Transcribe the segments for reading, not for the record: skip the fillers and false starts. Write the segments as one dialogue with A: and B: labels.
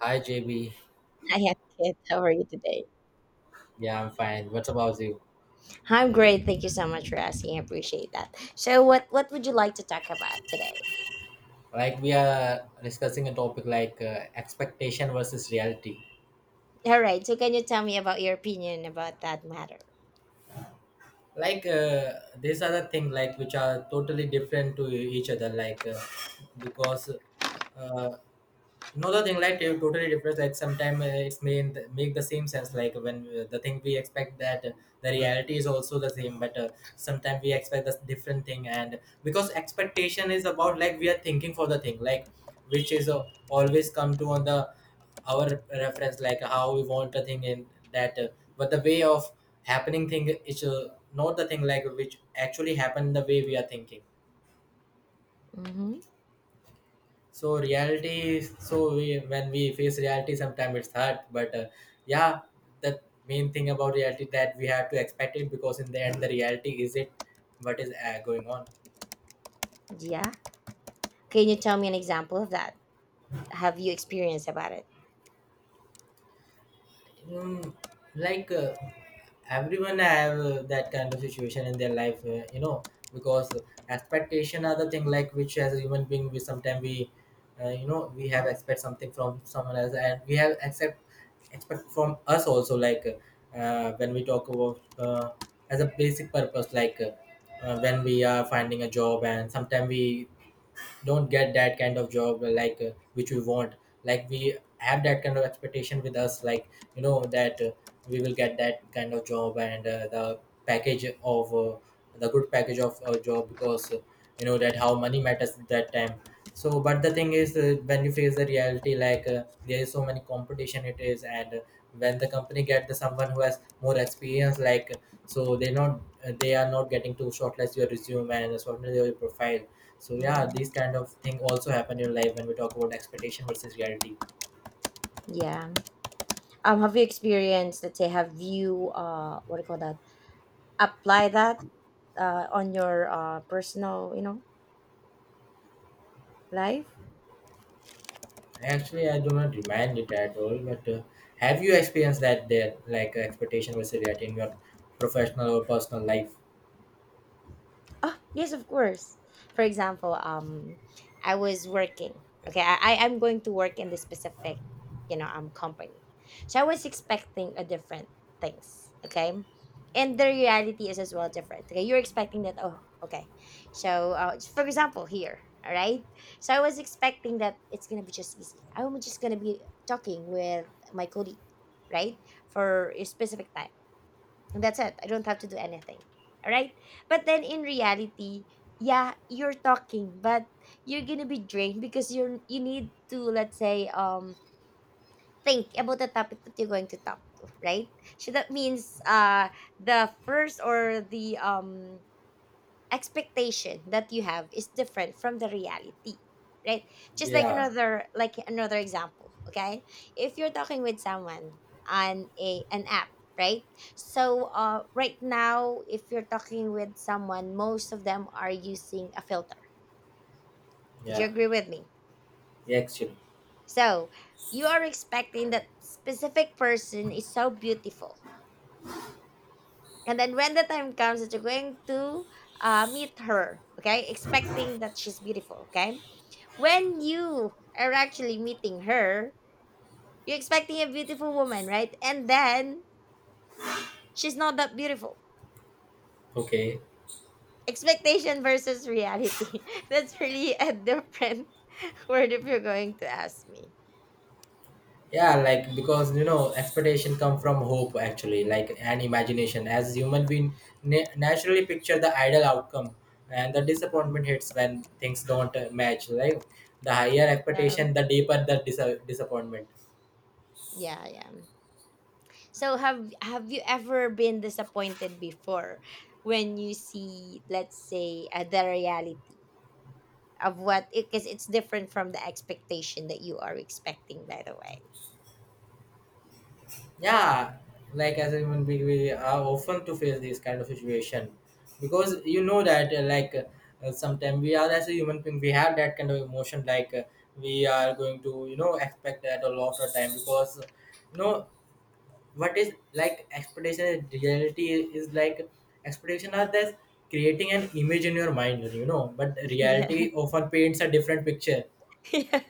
A: Hi JB,
B: I am good. How are you today?
A: yeah, I'm fine. What's about you?
B: I'm great. Thank you so much for asking. I appreciate that. So, what would you like to talk about today?
A: Like we are discussing a topic like expectation versus reality.
B: All right. So, can you tell me about your opinion about that matter?
A: Like uh, these are the things like which are totally different to each other. Like because uh, no, the thing like it totally different like sometimes, it's mean make the same sense like when the thing we expect that the reality is also the same but sometimes we expect the different thing and because expectation is about like we are thinking for the thing like which is always come to on the our reference like how we want the thing in that, but the way of happening thing is not the thing like which actually happened the way we are thinking
B: Mm-hmm.
A: so reality so we when we face reality sometimes it's hard but, yeah, the main thing about reality that we have to expect it because in the end the reality is it what is going on.
B: Yeah. Can you tell me an example of that? Have you experienced about it?
A: Mm, like, everyone have that kind of situation in their life, you know, because expectation are the thing like which as a human being we sometimes, you know, we have expect something from someone else and we have accept expect from us also like, when we talk about, as a basic purpose like, when we are finding a job and sometimes we don't get that kind of job like which we want like we have that kind of expectation with us like you know that we will get that kind of job and the package of, the good package of a job because, you know that how money matters that time so but the thing is, when you face the reality like, there is so many competition it is and, when the company get the someone who has more experience like, so they not they are not getting to shortlist your resume and shortlist your profile so yeah, these
B: Hmm.
A: kind of thing also happen in life when we talk about expectation versus reality.
B: Yeah. Have you experienced? Let's say, have you what do you call that? Apply that on your personal, you know, life.
A: Actually, I do not demand it at all. But, have you experienced that there, like, expectation was set in your professional or personal life?
B: Oh, yes, of course. For example, I was working. Okay, I am going to work in this specific, you know, company. So I was expecting a different things. Okay, and the reality is as well different. Okay, you're expecting that. Oh, okay. So, for example, here, all right. So I was expecting that it's gonna be just easy. I'm just gonna be talking with my colleague, right, for a specific time, that's it. I don't have to do anything. All right. But then in reality, yeah, you're talking, but you're gonna be drained because you need to, let's say, think about the topic that you're going to talk to, right? So that means the first or the expectation that you have is different from the reality, right? Just like
A: Yeah,
B: another, another example, okay. If you're talking with someone on a an app, right? So right now, if you're talking with someone, most of them are using a filter. Would you
A: yeah,
B: agree with me?
A: yeah, actually,
B: So you are expecting that specific person is so beautiful, and then when the time comes that you're going to meet her, okay, expecting that she's beautiful, okay, when you are actually meeting her, you're expecting a beautiful woman, right? And then she's not that beautiful.
A: okay,
B: Expectation versus reality. That's really a different word, if you're going to ask me.
A: yeah, like because you know expectation come from hope actually, like and imagination. As human, we naturally picture the ideal outcome, and the disappointment hits when things don't match. Like the higher expectation,
B: Um,
A: the deeper the disappointment.
B: yeah, yeah. So have you ever been disappointed before when you see, let's say, the reality of what, because it's different from the expectation that you are expecting, by the way.
A: Yeah, like as a human being we are often to face this kind of situation because you know that sometimes we are as a human being we have that kind of emotion like, we are going to you know expect that a lot of time because you know what is like expectation and reality is like expectation are this creating an image in your mind you know but
B: Yeah.
A: reality often paints a different picture.
B: Yeah.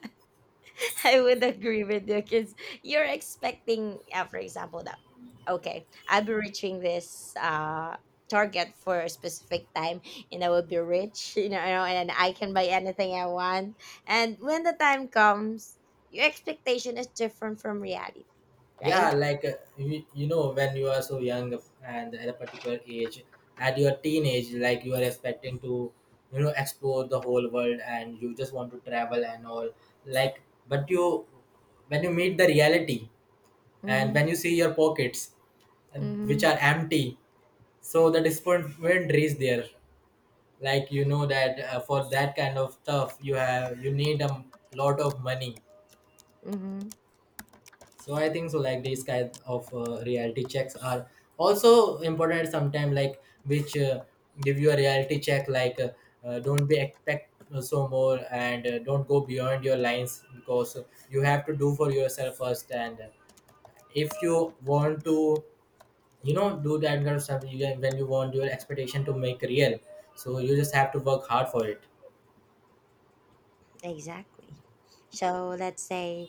B: I would agree with you because you're expecting, for example, that okay, I'll be reaching this target for a specific time, and I will be rich, you know, and I can buy anything I want. And when the time comes, your expectation is different from reality,
A: Yeah,
B: right?
A: like, you, you know when you are so young and at a particular age at your teenage like you are expecting to you know explore the whole world and you just want to travel and all like but you when you meet the reality and
B: Mm-hmm,
A: when you see your pockets uh, which
B: mm-hmm,
A: are empty so the disappointment is there like you know that for that kind of stuff you have you need a lot of money.
B: mm-hmm.
A: So I think so like these kind of reality checks are also important sometimes like which give you a reality check like don't be expect so more and don't go beyond your lines because you have to do for yourself first and if you want to you know do that kind of stuff you can, when you want your expectation to make real so you just have to work hard for it.
B: Exactly. So let's say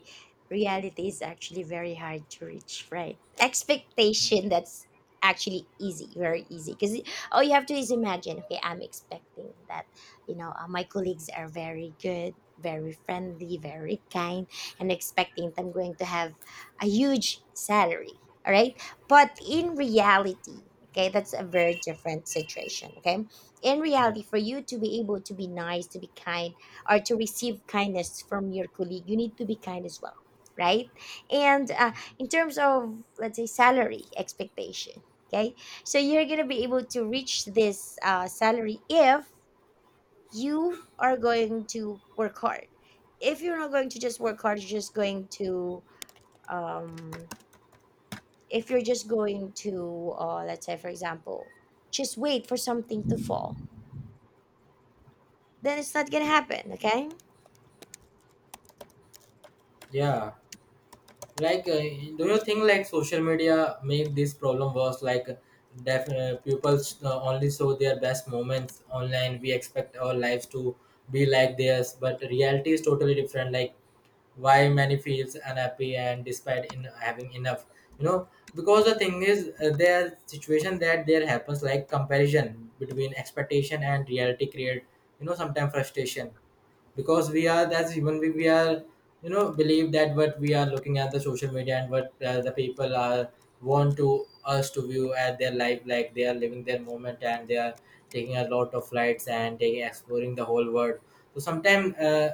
B: reality is actually very hard to reach, right? Expectation, that's actually easy, very easy. Because all you have to is imagine, okay, I'm expecting that, my colleagues are very good, very friendly, very kind, and expecting that I'm going to have a huge salary, all right? But in reality, okay, that's a very different situation, okay? In
A: yeah
B: reality, for you to be able to be nice, to be kind, or to receive kindness from your colleague, you need to be kind as well, right? And in terms of, let's say, salary expectation, okay? So you're going to be able to reach this salary if you are going to work hard. If you're not going to just work hard, you're just going to, um, if you're just going to, let's say, for example, just wait for something to fall, then it's not going to happen, okay?
A: yeah Like, do you think like social media make this problem worse? Like, deaf pupils only show their best moments online. We expect our lives to be like theirs, but reality is totally different. Like, why many feels unhappy and despite in having enough, you know? Because the thing is, their situation that there happens like comparison between expectation and reality create, you know, sometimes frustration because we are as human being we are you know believe that what we are looking at the social media and what the people are want to us to view at their life like they are living their moment and they are taking a lot of flights and taking exploring the whole world so sometimes,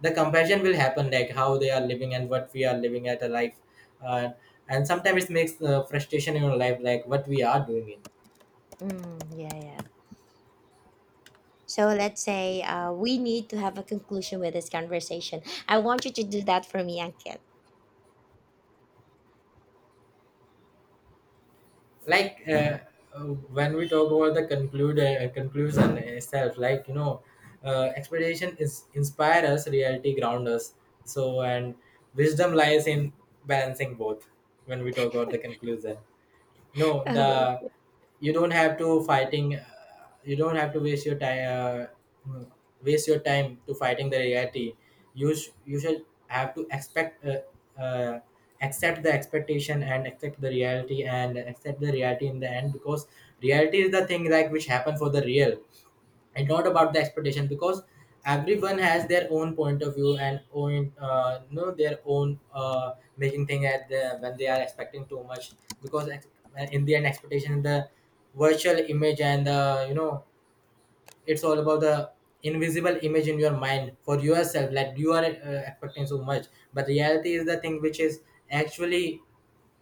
A: the comparison will happen like how they are living and what we are living at a life uh, and sometimes it makes frustration in your life like what we are doing.
B: Mm, yeah, yeah. So let's say we need to have a conclusion with this conversation. I want you to do that for me, Ankit.
A: like uh, uh, when we talk about the conclude conclusion itself like you know expectation is inspire us reality ground us so and wisdom lies in balancing both when we talk about the conclusion. No, the
B: Oh,
A: You don't have to fighting. You don't have to waste your time. Mm, Waste your time to fighting the reality. You should have to expect. Uh, Accept the expectation and accept the reality and accept the reality in the end because reality is the thing like which happen for the real, it's not about the expectation because everyone has their own point of view and own you know their own making thing at the when they are expecting too much because ex- in the end expectation the virtual image and the you know it's all about the invisible image in your mind for yourself like you are expecting so much but reality is the thing which is actually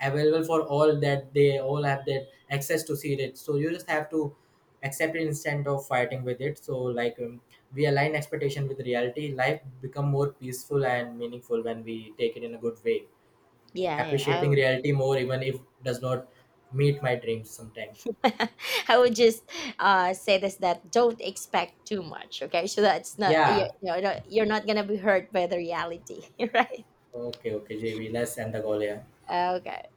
A: available for all that they all have that access to see it so you just have to accept it instead of fighting with it so we align expectation with reality life become more peaceful and meaningful when we take it in a good way,
B: yeah, yeah. I
A: appreciating
B: would,
A: reality more even if does not meet my dreams sometime.
B: I would just say this, that don't expect too much, okay? So that's not, you,
A: Yeah,
B: you know, you're not gonna be hurt by the reality, right?
A: okay, okay, JB, let's end the call here.
B: Okay.